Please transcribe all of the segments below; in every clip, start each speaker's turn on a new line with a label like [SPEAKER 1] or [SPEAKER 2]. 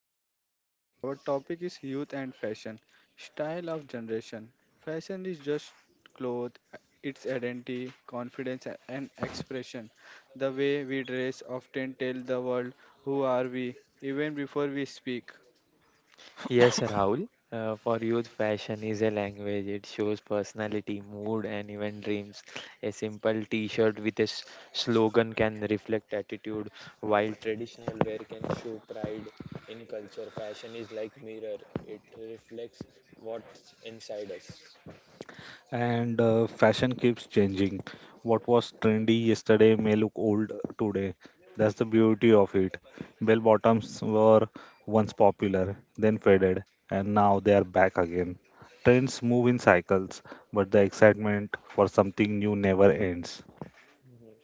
[SPEAKER 1] today's broadcast. Our topic is youth and fashion, style of generation. Fashion is just clothes, its identity, confidence, and expression. The way we dress often tell the world who are we, even before we speak.
[SPEAKER 2] Yes, Rahul. For youth, fashion is a language. It shows personality, mood, and even dreams. A simple T-shirt with a slogan can reflect attitude, while traditional wear can show pride in culture. Fashion is like mirror. It reflects what's inside us.
[SPEAKER 3] And Fashion keeps changing. What was trendy yesterday may look old today. That's the beauty of it. Bell bottoms were once popular, then faded, and now they are back again. Trends move in cycles, but the excitement for something new never ends.
[SPEAKER 2] Mhm.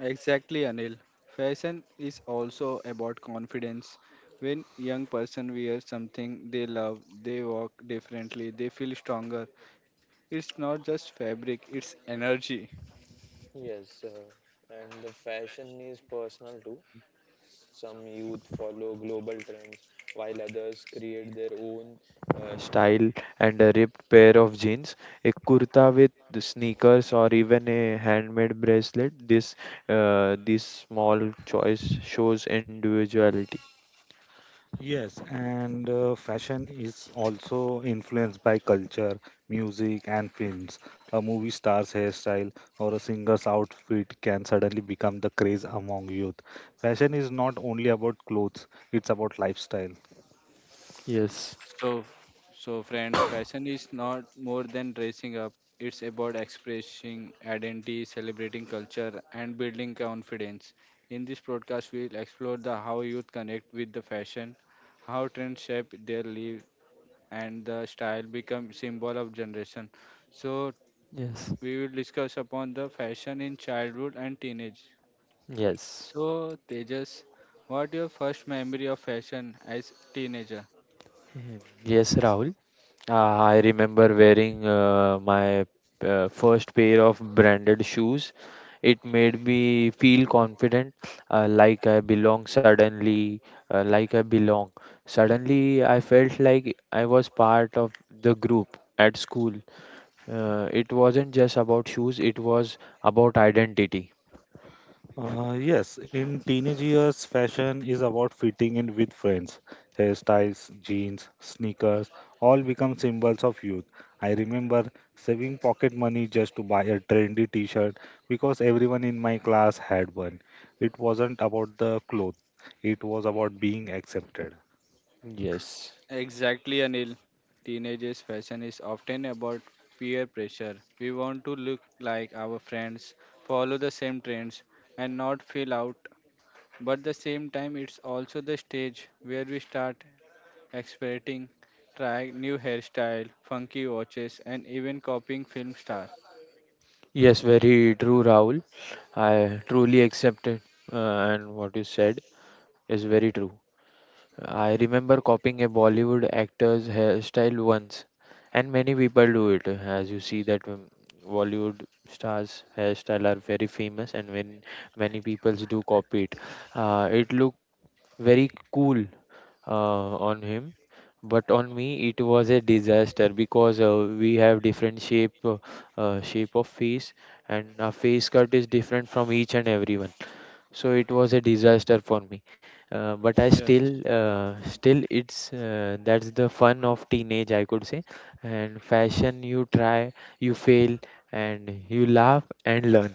[SPEAKER 1] Exactly, Anil. Fashion is also about confidence. When young person wears something they love, they walk differently, they feel stronger. It's not just fabric, it's energy.
[SPEAKER 2] Yes, and the fashion is personal too. Some youth follow global trends, while others create their own style and a ripped pair of jeans, a kurta with the sneakers, or even a handmade bracelet. This small choice shows individuality.
[SPEAKER 3] Yes, and fashion is also influenced by culture, music, and films. A movie star's hairstyle or a singer's outfit can suddenly become the craze among youth. Fashion is not only about clothes, it's about lifestyle.
[SPEAKER 2] Yes,
[SPEAKER 1] So, so friends, fashion is not more than dressing up. It's about expressing identity, celebrating culture, and building confidence. In this broadcast, we'll explore the how youth connect with the fashion, how trends shape their life, and the style become symbol of generation. So,
[SPEAKER 2] yes,
[SPEAKER 1] we will discuss upon the fashion in childhood and teenage.
[SPEAKER 2] yes.
[SPEAKER 1] So, Tejas, what your first memory of fashion as teenager?
[SPEAKER 2] Hmm, yes, Rahul. I remember wearing my first pair of branded shoes. It made me feel confident, like I belong suddenly, like I belong. Suddenly, I felt like I was part of the group at school. It wasn't just about shoes, it was about identity.
[SPEAKER 3] Yes, in teenage years, fashion is about fitting in with friends. Hairstyles, jeans, sneakers, all become symbols of youth. I remember saving pocket money just to buy a trendy t shirt because everyone in my class had one. It wasn't about the clothes, it was about being accepted.
[SPEAKER 2] Yes.
[SPEAKER 1] Exactly, Anil. Teenagers' fashion is often about peer pressure. We want to look like our friends, follow the same trends, and not feel out. But the same time, it's also the stage where we start experimenting, trying new hairstyle, funky watches, and even copying film stars.
[SPEAKER 2] Yes, very true, Rahul. I truly accept it, uh, and what you said is very true. I remember copying a Bollywood actor's hairstyle once, and many people do it. As you see that Bollywood stars' hairstyle are very famous, and when many people do copy it, it looked very cool on him. But on me, it was a disaster because we have different shape, shape of face, and our face cut is different from each and everyone, so it was a disaster for me, but I still still it's that's the fun of teenage, I could say. And fashion, you try, you fail, and you laugh and learn,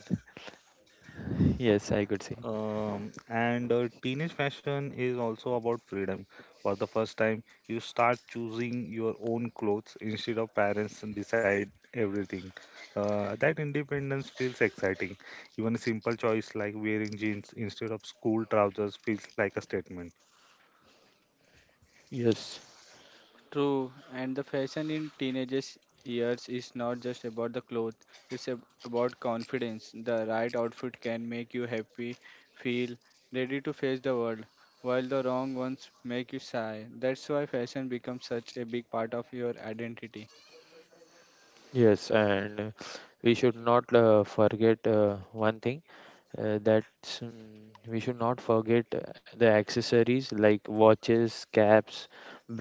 [SPEAKER 2] yes, I could say.
[SPEAKER 3] And Teenage fashion is also about freedom. For the first time, you start choosing your own clothes instead of parents and decide everything. That independence feels exciting. Even a simple choice like wearing jeans instead of school trousers feels like a statement.
[SPEAKER 2] Yes,
[SPEAKER 1] True, and the fashion in teenagers' years is not just about the clothes, it's about confidence. The right outfit can make you happy, feel ready to face the world, while the wrong ones make you shy. That's why fashion becomes such a big part of your identity.
[SPEAKER 2] yes and we should not forget one thing. That's we should not forget the accessories like watches, caps,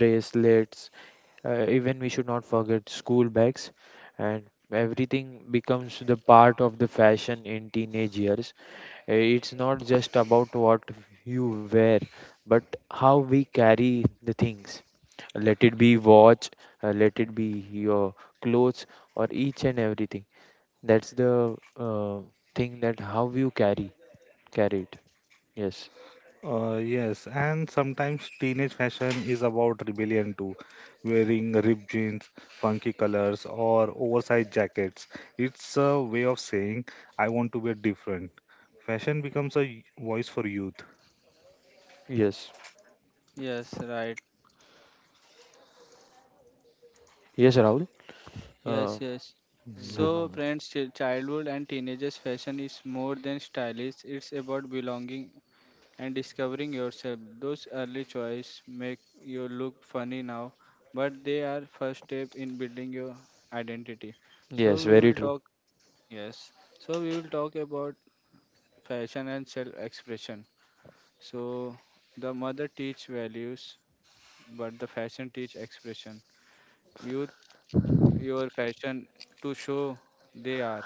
[SPEAKER 2] bracelets. Even we should not forget school bags, and everything becomes the part of the fashion in teenage years. It's not just about what you wear, but how we carry the things. Let it be watch, let it be your clothes, or each and everything. That's the thing that how you carry. Carried. Yes.
[SPEAKER 3] Yes, and sometimes teenage fashion is about rebellion too, wearing ripped jeans, funky colors, or oversized jackets. It's a way of saying, I want to be different. Fashion becomes a voice for youth.
[SPEAKER 2] Yes.
[SPEAKER 1] Yes, right.
[SPEAKER 2] Yes, Rahul. Uh,
[SPEAKER 1] Yes, yes.
[SPEAKER 2] ye-
[SPEAKER 3] No, no,
[SPEAKER 1] So,
[SPEAKER 3] no.
[SPEAKER 1] friends, childhood and teenagers' fashion is more than stylish, it's about belonging and discovering yourself. Those early choices make you look funny now, but they are first step in building your identity. So
[SPEAKER 2] yes,
[SPEAKER 1] we
[SPEAKER 2] very
[SPEAKER 1] will
[SPEAKER 2] true.
[SPEAKER 1] talk yes. So we will talk about fashion and self-expression. So the mother teach values, but the fashion teach expression. Youth your fashion to show they are.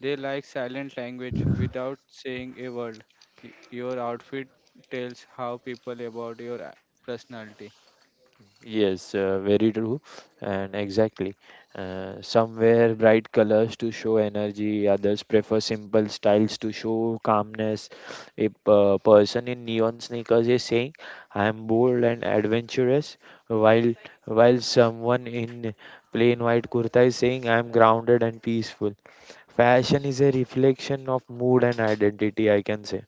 [SPEAKER 1] They like silent language without saying a word. Your outfit tells how people about your personality.
[SPEAKER 2] Yes, very true. And exactly. Some wear bright colors to show energy, others prefer simple styles to show calmness. A person in neon sneakers is saying, I am bold and adventurous, while someone in plain white kurta is saying, I am grounded and peaceful. Fashion is a reflection of mood and identity, I can say.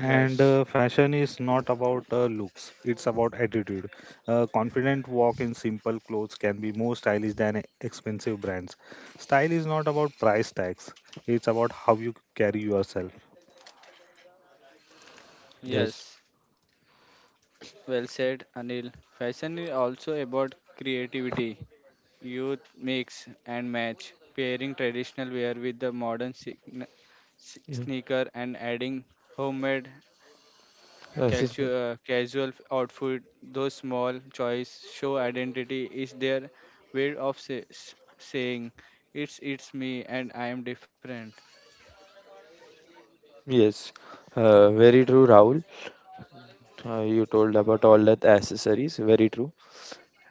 [SPEAKER 3] And Fashion is not about looks, it's about attitude. A confident walk in simple clothes can be more stylish than expensive brands. Style is not about price tags, it's about how you carry yourself.
[SPEAKER 2] Yes,
[SPEAKER 1] Yes, well said, Anil. Fashion is also about creativity. Youth mix and match, pairing traditional wear with the modern sign- s-
[SPEAKER 2] yes,
[SPEAKER 1] sneaker and adding homemade
[SPEAKER 2] accessor-
[SPEAKER 1] Calcio, casual outfit, those small choice show identity is their way of saying it's me and I am different.
[SPEAKER 2] yes. Yes. Very true, Rahul. You told about all that accessories. Very true.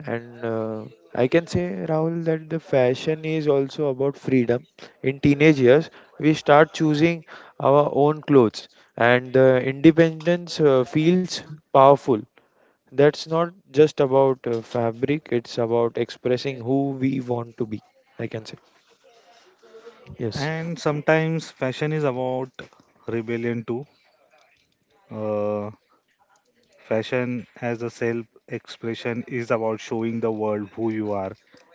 [SPEAKER 2] And I can say, Rahul, that the fashion is also about freedom. In teenage years, we start choosing our own clothes, and the independence feels powerful. That's not just about fabric, it's about
[SPEAKER 1] अरे,
[SPEAKER 2] expressing who we want to be. I can say. Yes,
[SPEAKER 3] And sometimes fashion is about rebellion too. Uh, Fashion as a self expression is about showing the world who you are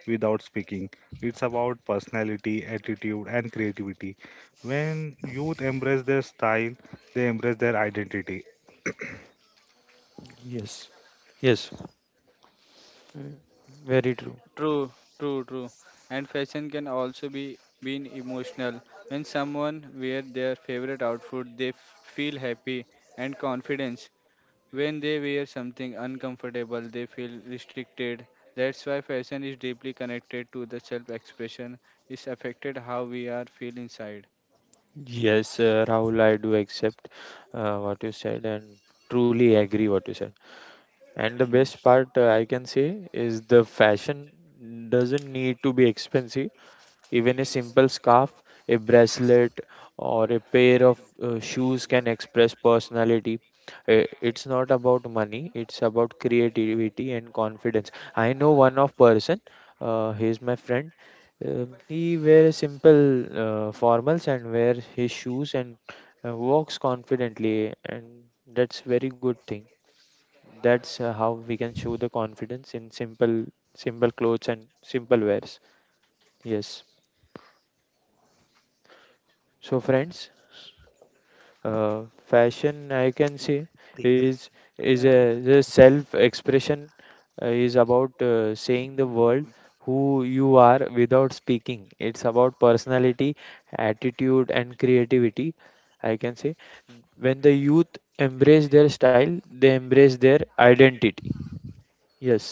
[SPEAKER 3] without speaking. It's about personality, attitude, and creativity. When youth embrace their style, they embrace their identity.
[SPEAKER 2] yes, yes. Mm, Very true.
[SPEAKER 1] True, true. And fashion can also be been emotional. When someone wear their favorite outfit, they feel happy and confident. When they wear something uncomfortable, they feel restricted. That's why fashion is deeply connected to the self expression. It's affected how we are feel inside.
[SPEAKER 2] Yes, Rahul, I do accept what you said and truly agree what you said. And the
[SPEAKER 1] Mm,
[SPEAKER 2] best
[SPEAKER 1] s-
[SPEAKER 2] part I can say is the fashion doesn't need to be expensive. Even a simple scarf, a bracelet, or a pair of shoes can express personality. It's not about money, it's about creativity and confidence. I know one of person, he's my friend. He wear simple formals and wear his shoes and walks confidently, and that's very good thing. That's how we can show the confidence in simple clothes and simple wears. Yes. So friends, fashion, I can say, is
[SPEAKER 1] yeah.
[SPEAKER 2] the self expression, is about saying the world
[SPEAKER 1] Mhm.
[SPEAKER 2] who you are without speaking. It's about personality, attitude, and creativity, I can say. When the youth embrace their style, they embrace their identity. Yes,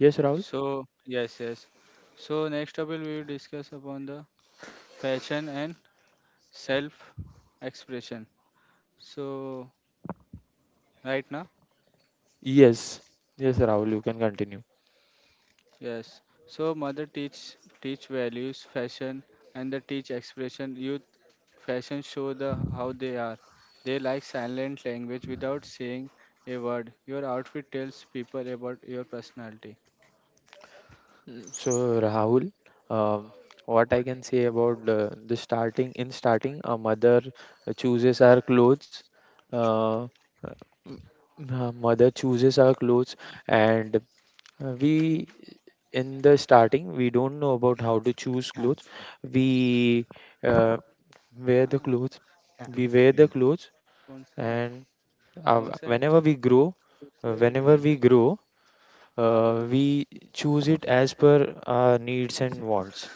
[SPEAKER 2] yes, Rahul.
[SPEAKER 1] So yes, yes. So next up we will discuss upon the fashion and self expression. So right now.
[SPEAKER 2] Yes, yes, Rahul, you can continue.
[SPEAKER 1] Yes. So mother teach values, fashion, and the teach expression. Youth fashion show the how they are. They like silent language without saying a word. Your outfit tells people about your personality.
[SPEAKER 2] So Rahul, um, what I can say about the starting in starting, a mother chooses her clothes. Uh, uh, m- mother chooses her clothes, and we in the starting we don't know about how to choose clothes. We uh, wear the
[SPEAKER 1] हाँ,
[SPEAKER 2] clothes. We wear the clothes,
[SPEAKER 1] कौन सा है?
[SPEAKER 2] and
[SPEAKER 1] कौन सा है?
[SPEAKER 2] whenever we grow,
[SPEAKER 1] तो
[SPEAKER 2] uh,
[SPEAKER 1] तेरे
[SPEAKER 2] whenever
[SPEAKER 1] लिए
[SPEAKER 2] we
[SPEAKER 1] कर रहे तुम।
[SPEAKER 2] grow
[SPEAKER 1] हाँ, तो रुक
[SPEAKER 2] we choose it as per our needs and wants.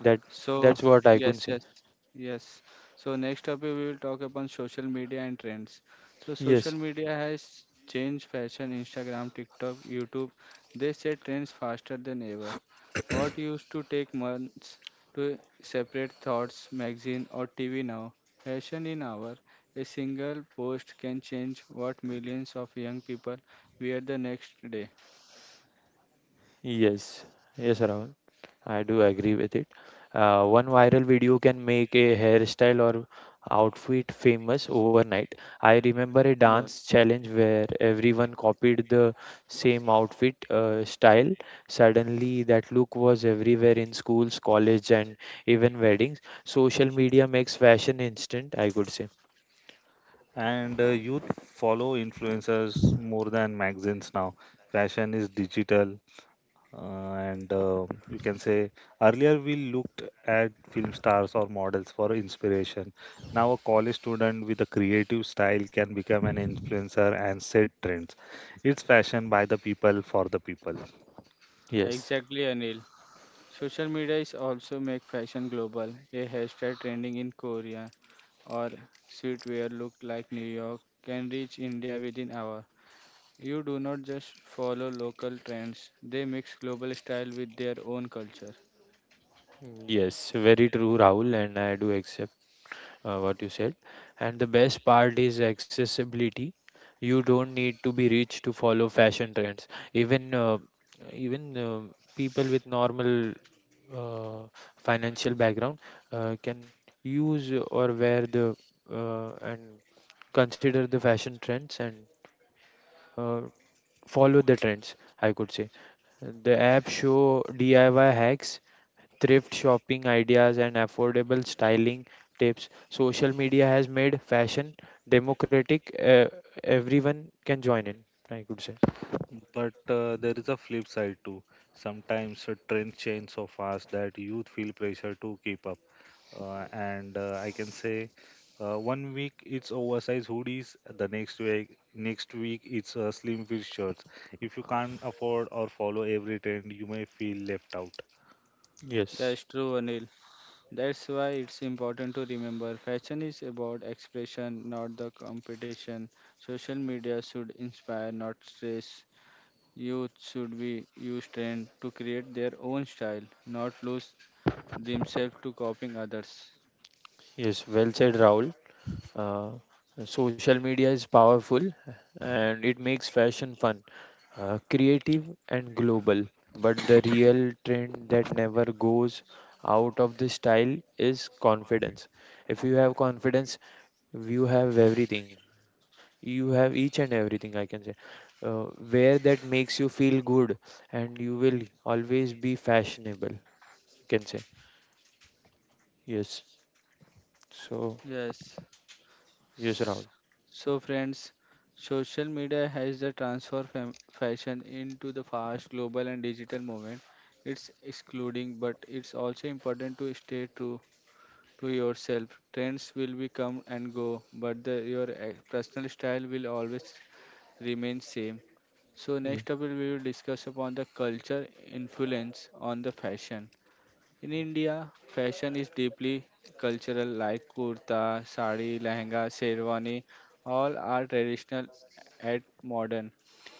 [SPEAKER 2] That
[SPEAKER 1] So,
[SPEAKER 2] that's what I can
[SPEAKER 1] yes,
[SPEAKER 2] say.
[SPEAKER 1] yes, yes. So, next topic we will talk about social media and trends. So,
[SPEAKER 2] Yes,
[SPEAKER 1] social media has changed fashion, Instagram, TikTok, YouTube. They set trends faster than ever. What used to take months to separate thoughts, magazine, or TV now, fashion in hour, a single post can change what millions of young people wear the next day.
[SPEAKER 2] yes, yes, Ravan. I do agree with it. One viral video can make a hairstyle or outfit famous overnight. I remember a
[SPEAKER 1] Yes,
[SPEAKER 2] dance challenge where everyone copied the same outfit style. Suddenly, that look was everywhere in schools, college, and even weddings. Social media makes fashion instant, I could say.
[SPEAKER 3] And Youth follow influencers more than magazines now. Fashion is digital. And You can say earlier we looked at film stars or models for inspiration. Now, a college student with a creative style can become an influencer and set trends. It's fashion by the people for the people.
[SPEAKER 2] Yes,
[SPEAKER 1] exactly, Anil. Social media is also make fashion global. A hairstyle trending in Korea or streetwear look like New York can reach India within hour. You do not just follow local trends; they mix global style with their own culture.
[SPEAKER 2] yes, very true, Rahul, and I do accept what you said. And the best part is accessibility. You don't need to be rich to follow fashion trends. Even uh, even people with normal uh, financial background can use or wear the and consider the fashion trends and uh, follow the trends. I could say the app show DIY hacks, thrift shopping ideas, and affordable styling tips. Social media has made fashion democratic. Everyone can join in, I could say.
[SPEAKER 3] But there is a flip side too. Sometimes trends change so fast that youth feel pressure to keep up. And I can say one week it's oversized hoodies, the next week it's slim fit shirts. If you can't afford or follow every trend, you may feel left out.
[SPEAKER 2] Yes,
[SPEAKER 1] That's true, Anil. That's why it's important to remember fashion is about expression, not the competition. Social media should inspire, not stress. Youth should be use trend to create their own style, not lose themselves to copying others.
[SPEAKER 2] yes, well said, Rahul. Uh, social media is powerful and it makes fashion fun, creative, and global. But the real trend that never goes out of the style is confidence. If you have confidence, you have everything, you have each and everything, I can say. uh, where that makes you feel good, and you will always be fashionable, you can say. Yes, so
[SPEAKER 1] Yes.
[SPEAKER 2] yes, Rahul.
[SPEAKER 1] S- So, friends, social media has the transfer fashion into the fast global and digital movement. It's excluding, but it's also important to stay true to yourself. Trends will be come and go, but the, your personal style will always remain same. So next
[SPEAKER 2] Yes,
[SPEAKER 1] up we will discuss upon the culture influence on the fashion. In India, fashion is deeply cultural, like kurta, sari, lehenga, sherwani, all are traditional and modern.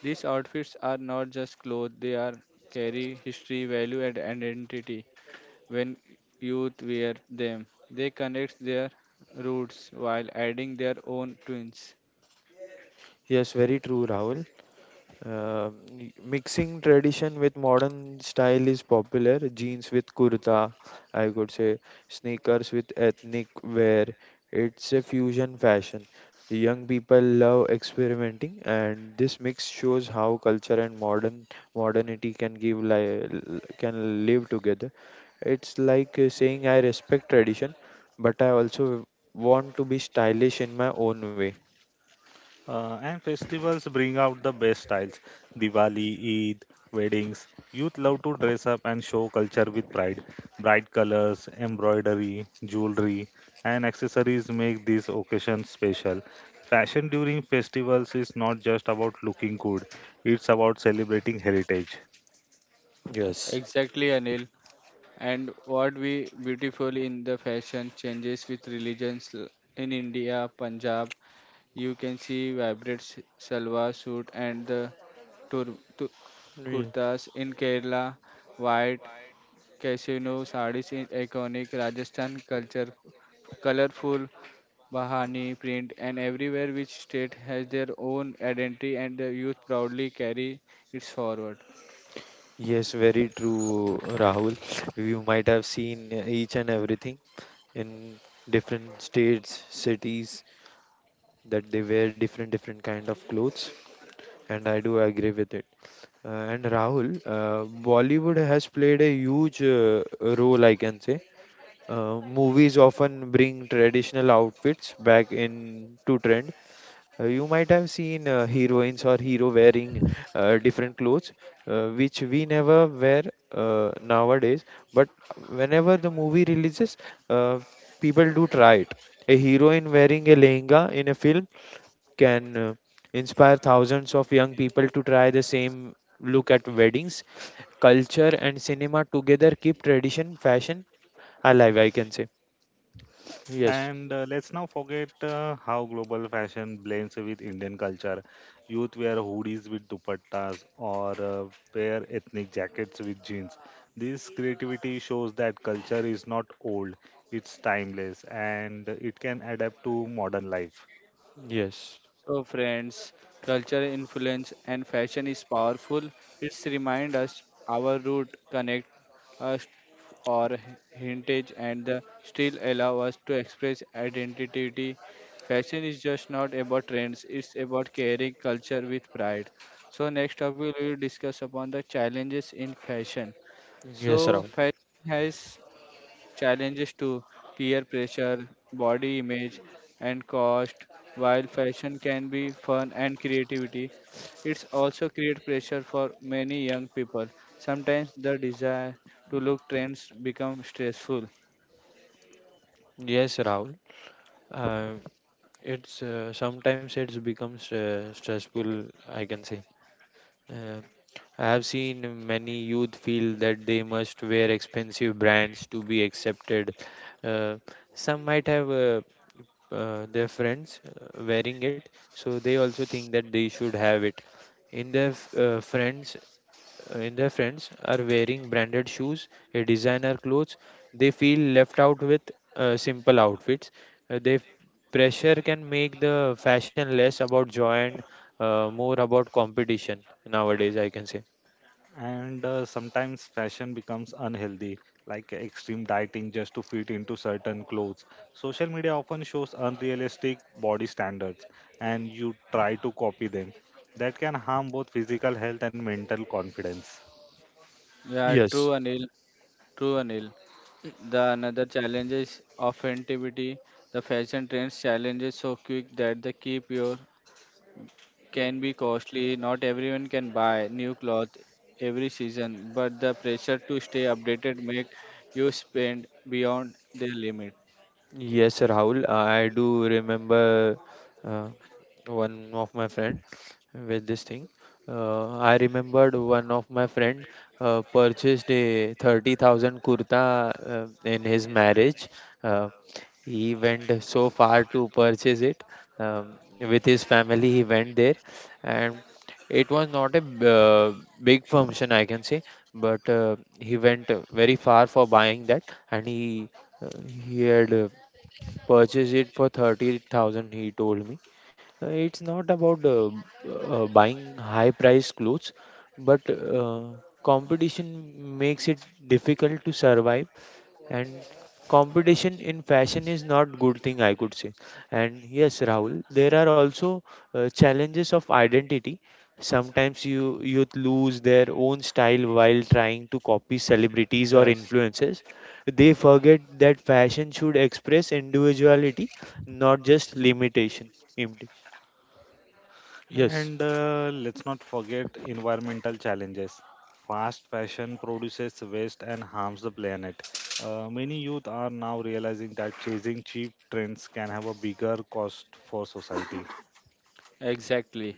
[SPEAKER 1] These outfits are not just clothes, they are carry history, value, and identity. When youth wear them, they connect their roots while adding their own twins.
[SPEAKER 2] yes, very true, Rahul. Mixing tradition with modern style is popular. Jeans with kurta, I could say, sneakers with ethnic wear. It's a fusion fashion. Young people love experimenting, and this mix shows how culture and modern modernity can can live together. It's like saying I respect tradition, but I also want to be stylish in my own way.
[SPEAKER 3] And festivals bring out the best styles. Diwali, Eid, weddings. Youth love to dress up and show culture with pride. Bright colors, embroidery, jewelry, and accessories make these occasions special. Fashion during festivals is not just about looking good, it's about celebrating heritage.
[SPEAKER 2] Yes.
[SPEAKER 1] Exactly, Anil. And what we beautiful in the fashion changes with religions in India, Punjab, you can see vibrant salwar suit and the tur- tu- kurtas in Kerala, white casino sarees in iconic Rajasthan culture, colorful bahani print, and everywhere which state has their own identity and the youth proudly carry it forward.
[SPEAKER 2] Yes, very true, Rahul. You might have seen each and everything in different states, cities, that they wear different different kind of clothes, and I do agree with it. Uh, and Rahul, Bollywood has played a huge role, I can say. Movies often bring traditional outfits back into trend. Uh, You might have seen heroines or hero wearing different clothes, which we never wear nowadays. But whenever the movie releases, uh, people do try it. A heroine wearing a lehenga in a film can inspire thousands of young people to try the same look at weddings. Culture and cinema together keep tradition, fashion alive, I can say. Yes,
[SPEAKER 3] And Let's now forget how global fashion blends with Indian culture. Youth wear hoodies with dupattas or pair ethnic jackets with jeans. This creativity shows that culture is not old, it's timeless, and it can adapt to modern life.
[SPEAKER 2] yes,
[SPEAKER 1] So, friends, culture influence and fashion is powerful. It's remind us our root connect us or heritage and the still allow us to express identity. Fashion is just not about trends; it's about carrying culture with pride. So, next topic we will discuss upon the challenges in fashion.
[SPEAKER 2] yes,
[SPEAKER 1] So,
[SPEAKER 2] Rahul.
[SPEAKER 1] fashion has challenges to peer pressure, body image, and cost. While fashion can be fun and creativity, it's also create pressure for many young people. Sometimes the desire to look trends become stressful.
[SPEAKER 2] Yes, Rahul. Uh, it's Sometimes it's becomes stressful, I can say. uh, I have seen many youth feel that they must wear expensive brands to be accepted. Uh, some might have their friends wearing it, so they also think that they should have it. Friends, in their friends are wearing branded shoes, designer clothes. They feel left out with simple outfits. They pressure can make the fashion less about joy and more about competition nowadays, I can say.
[SPEAKER 3] And Sometimes fashion becomes unhealthy, like extreme dieting just to fit into certain clothes. Social media often shows unrealistic body standards, and you try to copy them. That can harm both physical health and mental confidence.
[SPEAKER 1] Yeah,
[SPEAKER 2] Yes.
[SPEAKER 1] true Anil, true Anil. The another challenge is authenticity. The fashion trends challenges so quick that they keep your can be costly. Not everyone can buy new clothes every season, but the pressure to stay updated make you spend beyond their limit.
[SPEAKER 2] Yes, Rahul. I do remember uh, one of my friend with this thing. I remembered one of my friend purchased a 30,000 kurta in his marriage. Uh, he went so far to purchase it, with his family. He went there, and it was not a big function, I can say, but he went very far for buying that, and he had purchased it for 30,000, he told me. It's not about buying high priced clothes, but competition makes it difficult to survive, and competition in fashion is not good thing, I could say. And yes, Rahul, there are also challenges of identity. Sometimes youth lose their own style while trying to copy celebrities or
[SPEAKER 1] Yes.
[SPEAKER 2] influencers. They forget that fashion should express individuality, not just limitation. Imti- yes.
[SPEAKER 3] And Let's not forget environmental challenges. Fast fashion produces waste and harms the planet. Many youth are now realizing that chasing cheap trends can have a bigger cost for society.
[SPEAKER 1] Exactly.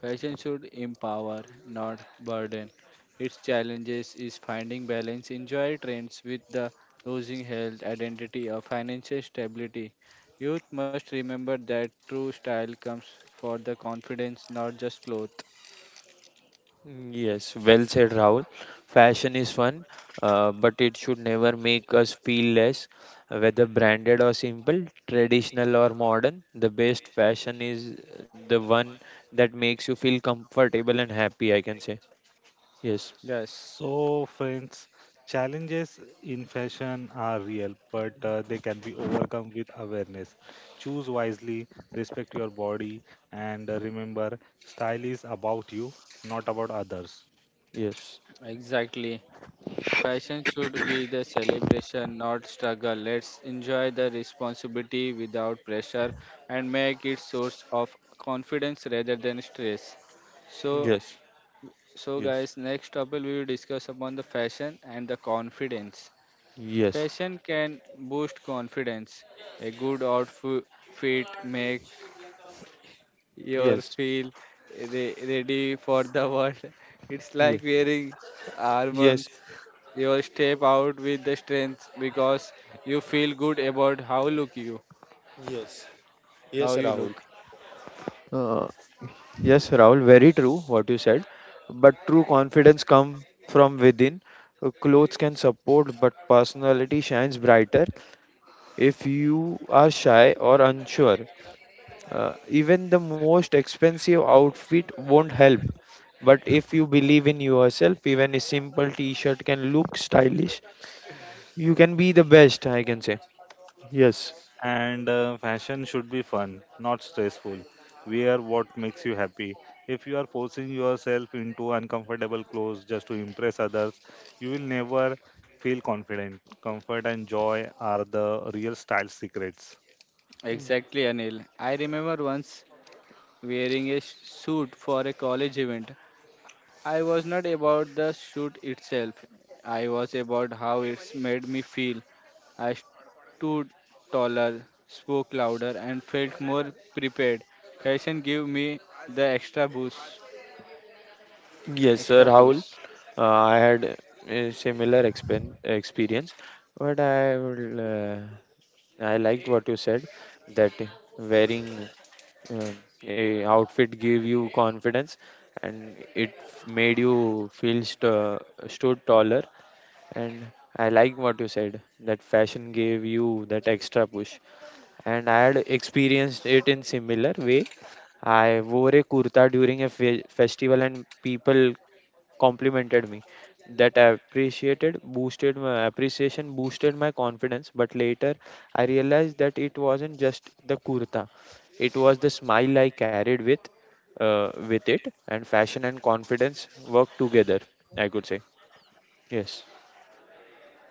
[SPEAKER 1] Fashion should empower, not burden. Its challenges is finding balance, enjoy trends with the losing health, identity, or financial stability. Youth must remember that true style comes for the confidence, not just clothes.
[SPEAKER 2] Yes, well said, Rahul. Fashion is fun, but it should never make us feel less. Whether branded or simple, traditional or modern, the best fashion is the one that makes you feel comfortable and happy, I can say. Yes,
[SPEAKER 1] Yes.
[SPEAKER 3] So, friends, challenges in fashion are real, but they can be overcome with awareness. Choose wisely, respect your body, and remember style is about you, not about others.
[SPEAKER 2] yes,
[SPEAKER 1] Exactly. Fashion should be the celebration, not struggle. Let's enjoy the responsibility without pressure and make it source of confidence rather than stress. So
[SPEAKER 2] yes,
[SPEAKER 1] so
[SPEAKER 2] yes,
[SPEAKER 1] guys, next topic we will discuss upon the fashion and the confidence.
[SPEAKER 2] yes,
[SPEAKER 1] Fashion can boost confidence. A good outfit make you
[SPEAKER 2] yes,
[SPEAKER 1] feel ready for the world. It's like
[SPEAKER 2] yes,
[SPEAKER 1] wearing
[SPEAKER 2] yes.
[SPEAKER 1] armbands. You step out with the strength because you feel good about how look you, how you look.
[SPEAKER 2] Uh, Yes, Rahul, very true what you said. But true confidence comes from within. Clothes can support, but personality shines brighter. If you are shy or unsure, even the most expensive outfit won't help. But if you believe in yourself, even a simple t shirt can look stylish. You can be the best, I can say. Yes.
[SPEAKER 3] And Fashion should be fun, not stressful. Wear what makes you happy. If you are forcing yourself into uncomfortable clothes just to impress others, you will never feel confident. Comfort and joy are the real style secrets.
[SPEAKER 1] Exactly, Anil. I remember once wearing a suit for a college event. I was not about the shoot itself. I was about how it's made me feel. I stood taller, spoke louder, and felt more prepared. Fashion gave me the extra boost.
[SPEAKER 2] Yes,
[SPEAKER 1] Extra
[SPEAKER 2] sir, Rahul.
[SPEAKER 1] boost.
[SPEAKER 2] I had a similar expen experience, but I will, uh, I liked what you said that wearing uh, a outfit gave you confidence and it made you feel st stood taller. And I like what you said that fashion gave you that extra push. And I had experienced it in similar way. I wore a kurta during a fe festival and people complimented me. That appreciated, boosted my appreciation, boosted my confidence. But later, I realized that it wasn't just the kurta; it was the smile I carried with it, and fashion and confidence work together. I could say yes,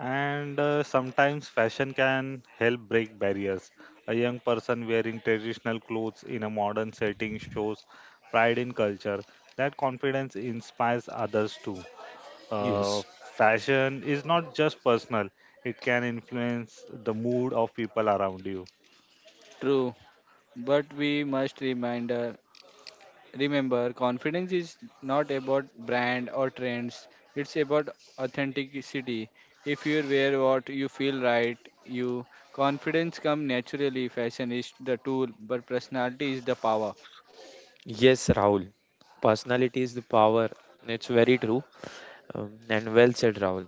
[SPEAKER 3] And Sometimes fashion can help break barriers. A young person wearing traditional clothes in a modern setting shows pride in culture. That confidence inspires others too. Uh,
[SPEAKER 2] yes.
[SPEAKER 3] Fashion is not just personal, it can influence the mood of people around you.
[SPEAKER 1] True. But we must remember Remember, confidence is not about brand or trends. It's about authenticity. If you wear what you feel right, you confidence come naturally. Fashion is the tool, but personality is the power.
[SPEAKER 2] Yes, Rahul. Personality is the power. It's very true, and well said, Rahul.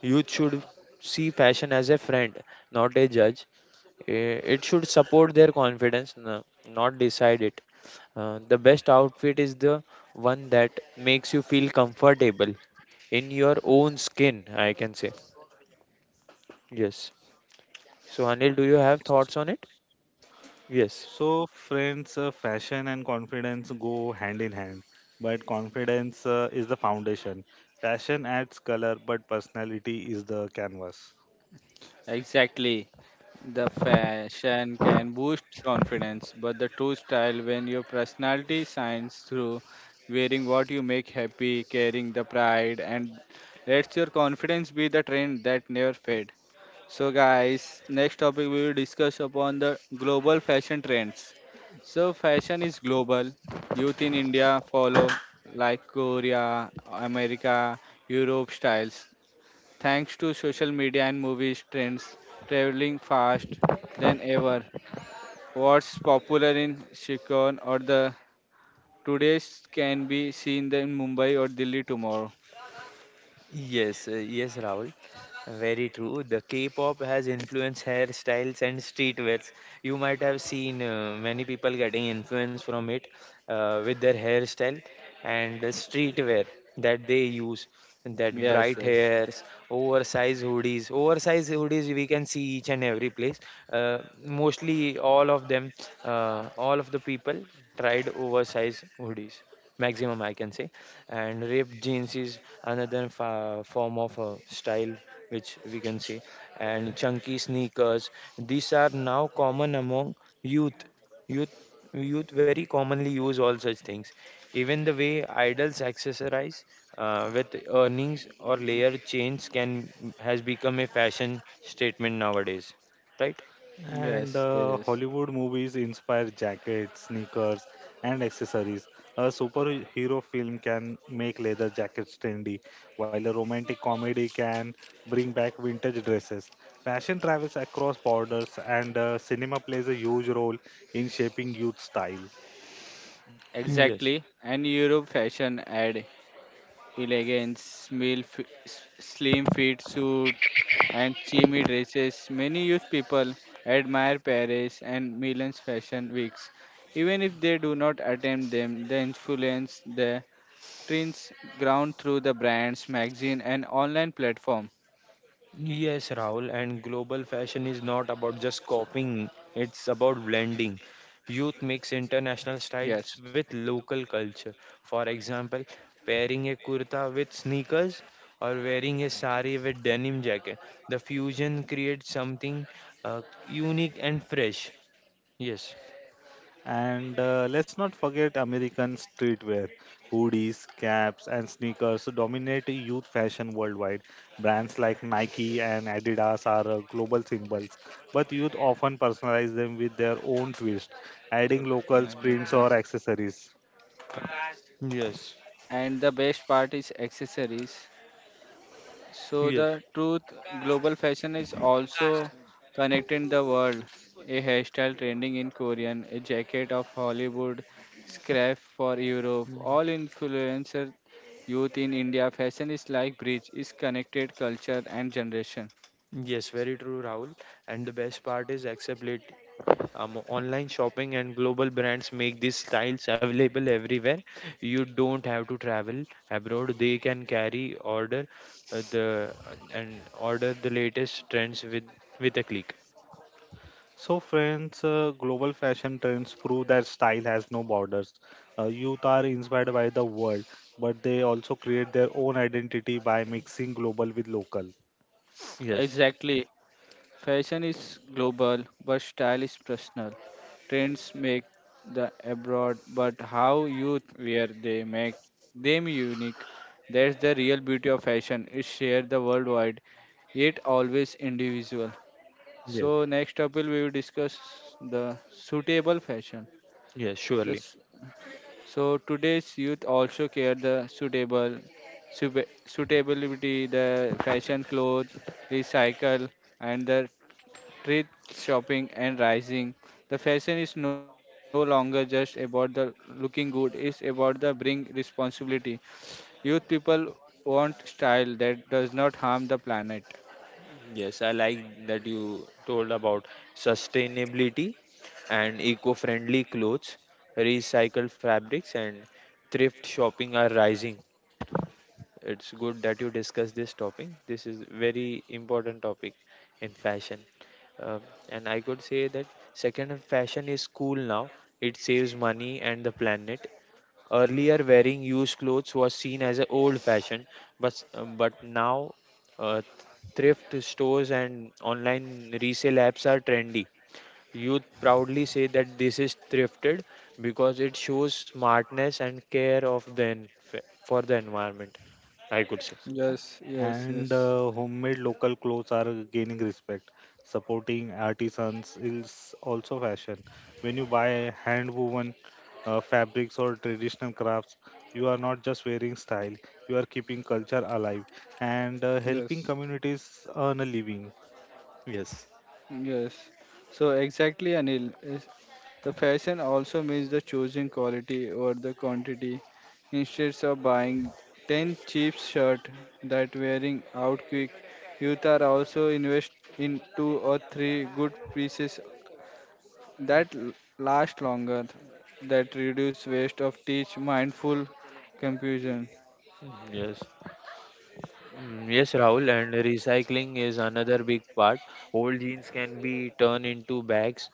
[SPEAKER 2] Youth should see fashion as a friend, not a judge. I- It should support their confidence, not decide it. The best outfit is the one that makes you feel comfortable in your own skin, I can say. Yes. So, Anil, do you have thoughts on it? Yes.
[SPEAKER 3] So, friends, fashion and confidence go hand in hand, but confidence is the foundation. Fashion adds color, but personality is the canvas.
[SPEAKER 1] Exactly. The fashion can boost confidence, but the true style when your personality shines through wearing what you make happy, carrying the pride and lets your confidence be the trend that never fades. So guys, next topic we will discuss upon the global fashion trends. So fashion is global. Youth in India follow like Korea, America, Europe styles. Thanks to social media and movies trends traveling fast than ever. What's popular in Shikon or the today's can be seen in Mumbai or Delhi tomorrow.
[SPEAKER 2] Yes, yes, Rahul. Very true. The K-pop has influenced hairstyles and streetwears. You might have seen many people getting influence from it with their hairstyle, and the streetwear that they use, that
[SPEAKER 1] Yes,
[SPEAKER 2] bright
[SPEAKER 1] yes.
[SPEAKER 2] hairs, oversized hoodies, we can see each and every place, uh, mostly all of them, all of the people tried oversized hoodies maximum, I can say. And ripped jeans is another form of style which we can see, and chunky sneakers, these are now common among youth. Youth, youth very commonly use all such things. Even the way idols accessorize with earnings or layer chains can has become a fashion statement nowadays, right?
[SPEAKER 1] Yes,
[SPEAKER 3] And
[SPEAKER 1] yes.
[SPEAKER 3] Hollywood movies inspire jackets, sneakers, and accessories. A superhero film can make leather jackets trendy, while a romantic comedy can bring back vintage dresses. Fashion travels across borders, and cinema plays a huge role in shaping youth style.
[SPEAKER 2] Yes.
[SPEAKER 1] Exactly. And Europe fashion ad. Elegance, male slim fit suit, and chimmy dresses. Many youth people admire Paris and Milan's fashion weeks. Even if they do not attend them, they influence the trends ground through the brands, magazine, and online platform.
[SPEAKER 2] Yes, Rahul, and global fashion is not about just copying, it's about blending. Youth mix international
[SPEAKER 1] Yes.
[SPEAKER 2] styles with local culture. For example, pairing a kurta with sneakers or wearing a sari with denim jacket. The fusion creates something unique and fresh. Yes,
[SPEAKER 3] And Let's not forget American streetwear. Hoodies, caps, and sneakers dominate youth fashion worldwide. Brands like Nike and Adidas are global symbols, but youth often personalize them with their own twist, adding
[SPEAKER 1] Good.
[SPEAKER 3] local
[SPEAKER 1] My
[SPEAKER 3] prints
[SPEAKER 1] God.
[SPEAKER 3] or accessories.
[SPEAKER 2] yes,
[SPEAKER 1] And the best part is accessories. So
[SPEAKER 2] yes.
[SPEAKER 1] the truth, global fashion is also connecting the world. A hairstyle trending in Korean, a jacket of Hollywood, scrap for Europe,
[SPEAKER 2] Mm.
[SPEAKER 1] all influencer youth in India. Fashion is like bridge, is connected culture and generation.
[SPEAKER 2] Yes, very true, Rahul. And the best part is acceptability. Online shopping and global brands make these styles available everywhere. You don't have to travel abroad. They can carry order the and order the latest trends with a click.
[SPEAKER 3] So, friends, global fashion trends prove that style has no borders. Youth are inspired by the world, but they also create their own identity by mixing global with local.
[SPEAKER 2] Yes,
[SPEAKER 1] Exactly. Fashion is global, but style is personal. Trends make the abroad, but how you wear they make them unique. That's the real beauty of fashion. It's shared the worldwide, yet always individual.
[SPEAKER 2] yes,
[SPEAKER 1] So next up will we will discuss the suitable fashion.
[SPEAKER 2] yes,
[SPEAKER 1] The
[SPEAKER 2] surely.
[SPEAKER 1] s- so today's youth also care the suitable suitability, the fashion clothes, recycle, and the thrift shopping and rising. The fashion is no longer just about the looking good, it's about the bring responsibility. Youth people want style that does not harm the planet.
[SPEAKER 2] Yes, I like that you told about sustainability and eco-friendly clothes, recycled fabrics, and thrift shopping are rising. It's good that you discuss this topic. This is very important topic in fashion. Um, and I could say that second hand fashion is cool now. It saves money and the planet. Earlier, wearing used clothes was seen as a old fashioned, but now uh, thrift stores and online resale apps are trendy. Youth proudly say that this is thrifted because it shows smartness and care of for the environment, I could say.
[SPEAKER 1] Yes, yes,
[SPEAKER 3] And
[SPEAKER 1] yes,
[SPEAKER 3] Homemade local clothes are gaining respect. Supporting artisans is also fashion. When you buy hand woven fabrics or traditional crafts, you are not just wearing style, you are keeping culture alive and helping
[SPEAKER 1] yes.
[SPEAKER 3] communities earn a living.
[SPEAKER 2] Yes.
[SPEAKER 1] Yes. So exactly, Anil. The fashion also means the choosing quality over the quantity. Instead of buying 10 cheap shirt that wearing out quick, youth are also invest in two or three good pieces that last longer, that reduce waste of teach mindful confusion.
[SPEAKER 2] Mm, yes. Mm, yes, Rahul, and recycling is another big part. Old jeans can be turned into bags,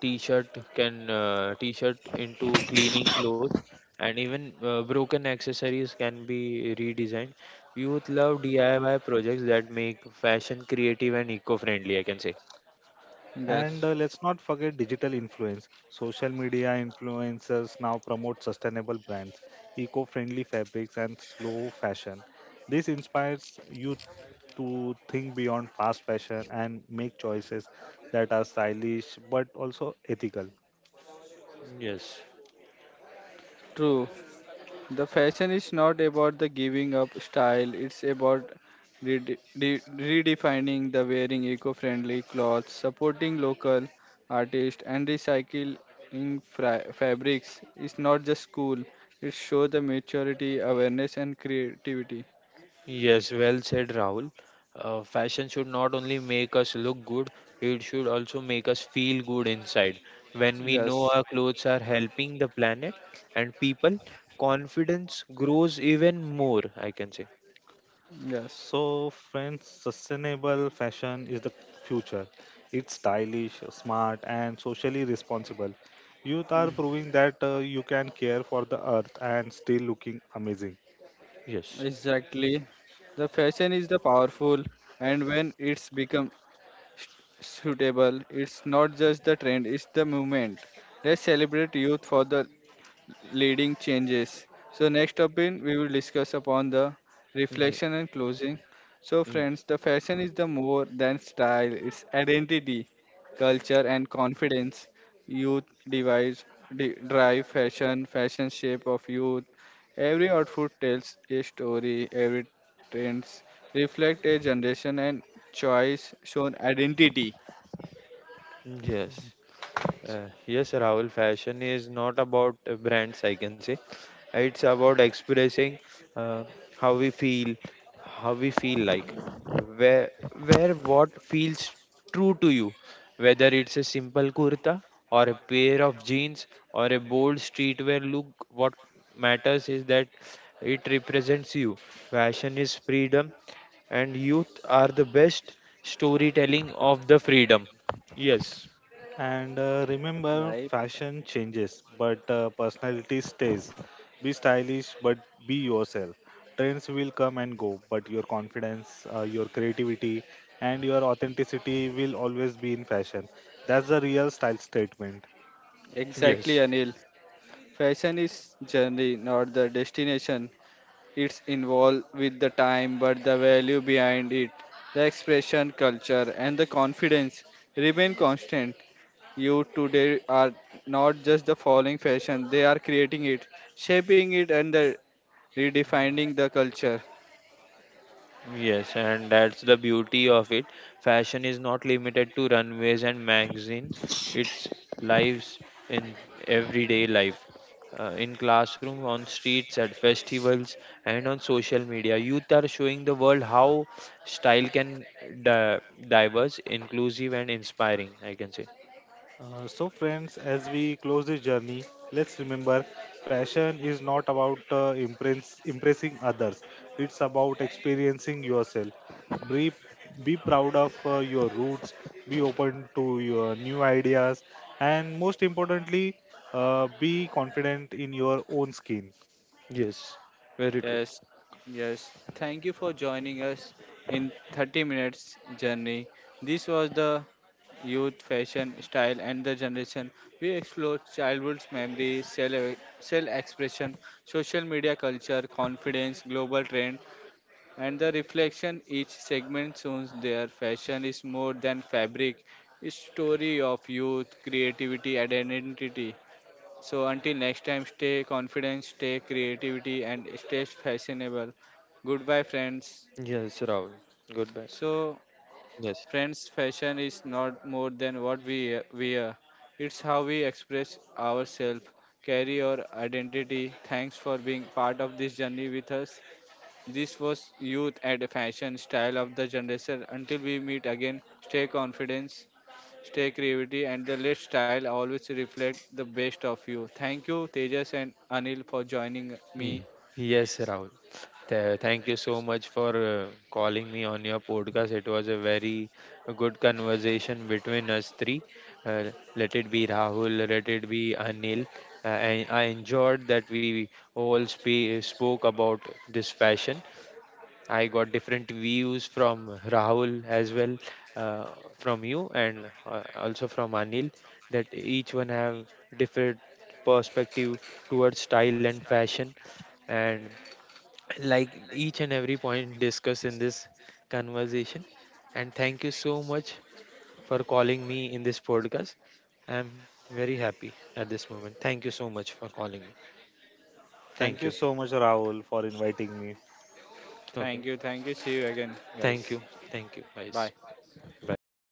[SPEAKER 2] t-shirt into cleaning clothes, and even broken accessories can be redesigned. Youth love DIY projects that make fashion creative and eco-friendly, I can say.
[SPEAKER 3] And
[SPEAKER 1] Yes.
[SPEAKER 3] Let's not forget digital influence. Social media influencers now promote sustainable brands, eco friendly fabrics, and slow fashion. This inspires youth to think beyond fast fashion and make choices that are stylish but also ethical.
[SPEAKER 2] Yes,
[SPEAKER 1] True. The fashion is not about the giving up style, it's about redefining the wearing eco-friendly clothes, supporting local artists and recycling fabrics. It's not just cool, it shows the maturity, awareness and creativity.
[SPEAKER 2] yes, well said, Rahul. Fashion should not only make us look good, it should also make us feel good inside. When we know
[SPEAKER 1] Yes.
[SPEAKER 2] our clothes are helping the planet and people, confidence grows even more, I can say.
[SPEAKER 1] Yes.
[SPEAKER 3] So, friends, sustainable fashion is the future. It's stylish, smart, and socially responsible. Youth are proving that you can care for the earth and still looking amazing.
[SPEAKER 2] Yes,
[SPEAKER 1] Exactly. The fashion is the powerful and when it's become suitable. It's not just the trend, it's the movement. Let's celebrate youth for the leading changes. So next up in we will discuss upon the
[SPEAKER 2] yes,
[SPEAKER 1] reflection and closing. So
[SPEAKER 2] yes,
[SPEAKER 1] friends, the fashion is the more than style, it's identity, culture and confidence. Youth drive fashion, fashion shape of youth. Every outfit tells a story, every trends reflect a generation and choice shown identity.
[SPEAKER 2] yes. Yes, Rahul, fashion is not about brands, I can say. It's about expressing, uh, how we feel, how we feel like, where, where what feels true to you, whether it's a simple kurta or a pair of jeans or a bold streetwear look, what matters is that it represents you. Fashion is freedom, and youth are the best storytelling of the freedom. Yes,
[SPEAKER 3] And Remember,
[SPEAKER 1] यही पता
[SPEAKER 3] fashion changes, but personality stays. Be stylish, but be yourself. Trends will come and go, but your confidence, your creativity, and your authenticity will always be in fashion. That's the real style statement.
[SPEAKER 1] Exactly,
[SPEAKER 2] yes.
[SPEAKER 1] Anil. Fashion is journey, not the destination. It's involved with the time, but the value behind it, the expression, culture, and the confidence remain constant. You today are not just the following fashion, they are creating it, shaping it, and the redefining the culture.
[SPEAKER 2] Yes, and that's the beauty of it. Fashion is not limited to runways and magazines, it's lives in everyday life. In classroom, on streets, at festivals, and on social media, youth are showing the world how style can di- diverse, inclusive, and inspiring. I can say
[SPEAKER 3] So, friends, as we close this journey, let's remember fashion is not about impressing others, it's about experiencing yourself. Be, be proud of your roots, be open to your new ideas, and most importantly, be confident in your own skin.
[SPEAKER 2] yes, very true.
[SPEAKER 1] Yes, yes. Thank you for joining us in 30 minutes journey. This was the youth, fashion, style, and the generation. We explore childhood's memories, self expression, social media culture, confidence, global trend, and the reflection each segment shows their fashion is more than fabric. It's story of youth, creativity, and identity. So until next time, stay confident, stay creativity, and stay fashionable. Goodbye, friends.
[SPEAKER 2] Yes, Rahul. Goodbye.
[SPEAKER 1] So
[SPEAKER 2] Yes.
[SPEAKER 1] Friends, fashion is not more than what we wear. It's how we express ourselves, carry our identity. Thanks for being part of this journey with us. This was Youth and Fashion Style of the Generation. Until we meet again, stay confidence, stay creativity, and the let style always reflect the best of you. Thank you, Tejas and Anil, for joining
[SPEAKER 2] Ye-
[SPEAKER 1] me.
[SPEAKER 2] Yes, Rahul. Thank you so much for calling me on your podcast. It was a very good conversation between us three. Uh, let it be Rahul, let it be Anil. I enjoyed that we all spoke about this fashion. I got different views from Rahul as well, uh, from you, and also from Anil. That each one have different perspective towards style and fashion, and like each and every point discussed in this conversation. And thank you so much for calling me in this podcast. I'm very happy at this moment. Thank you so much for calling me. Thank
[SPEAKER 3] Thank
[SPEAKER 2] you.
[SPEAKER 3] you so much, Rahul, for inviting me.
[SPEAKER 1] Thank
[SPEAKER 2] Okay.
[SPEAKER 1] you, thank you. See you again,
[SPEAKER 2] Thank
[SPEAKER 1] guys.
[SPEAKER 2] you. Thank you,
[SPEAKER 1] Bye.
[SPEAKER 2] guys. Bye bye.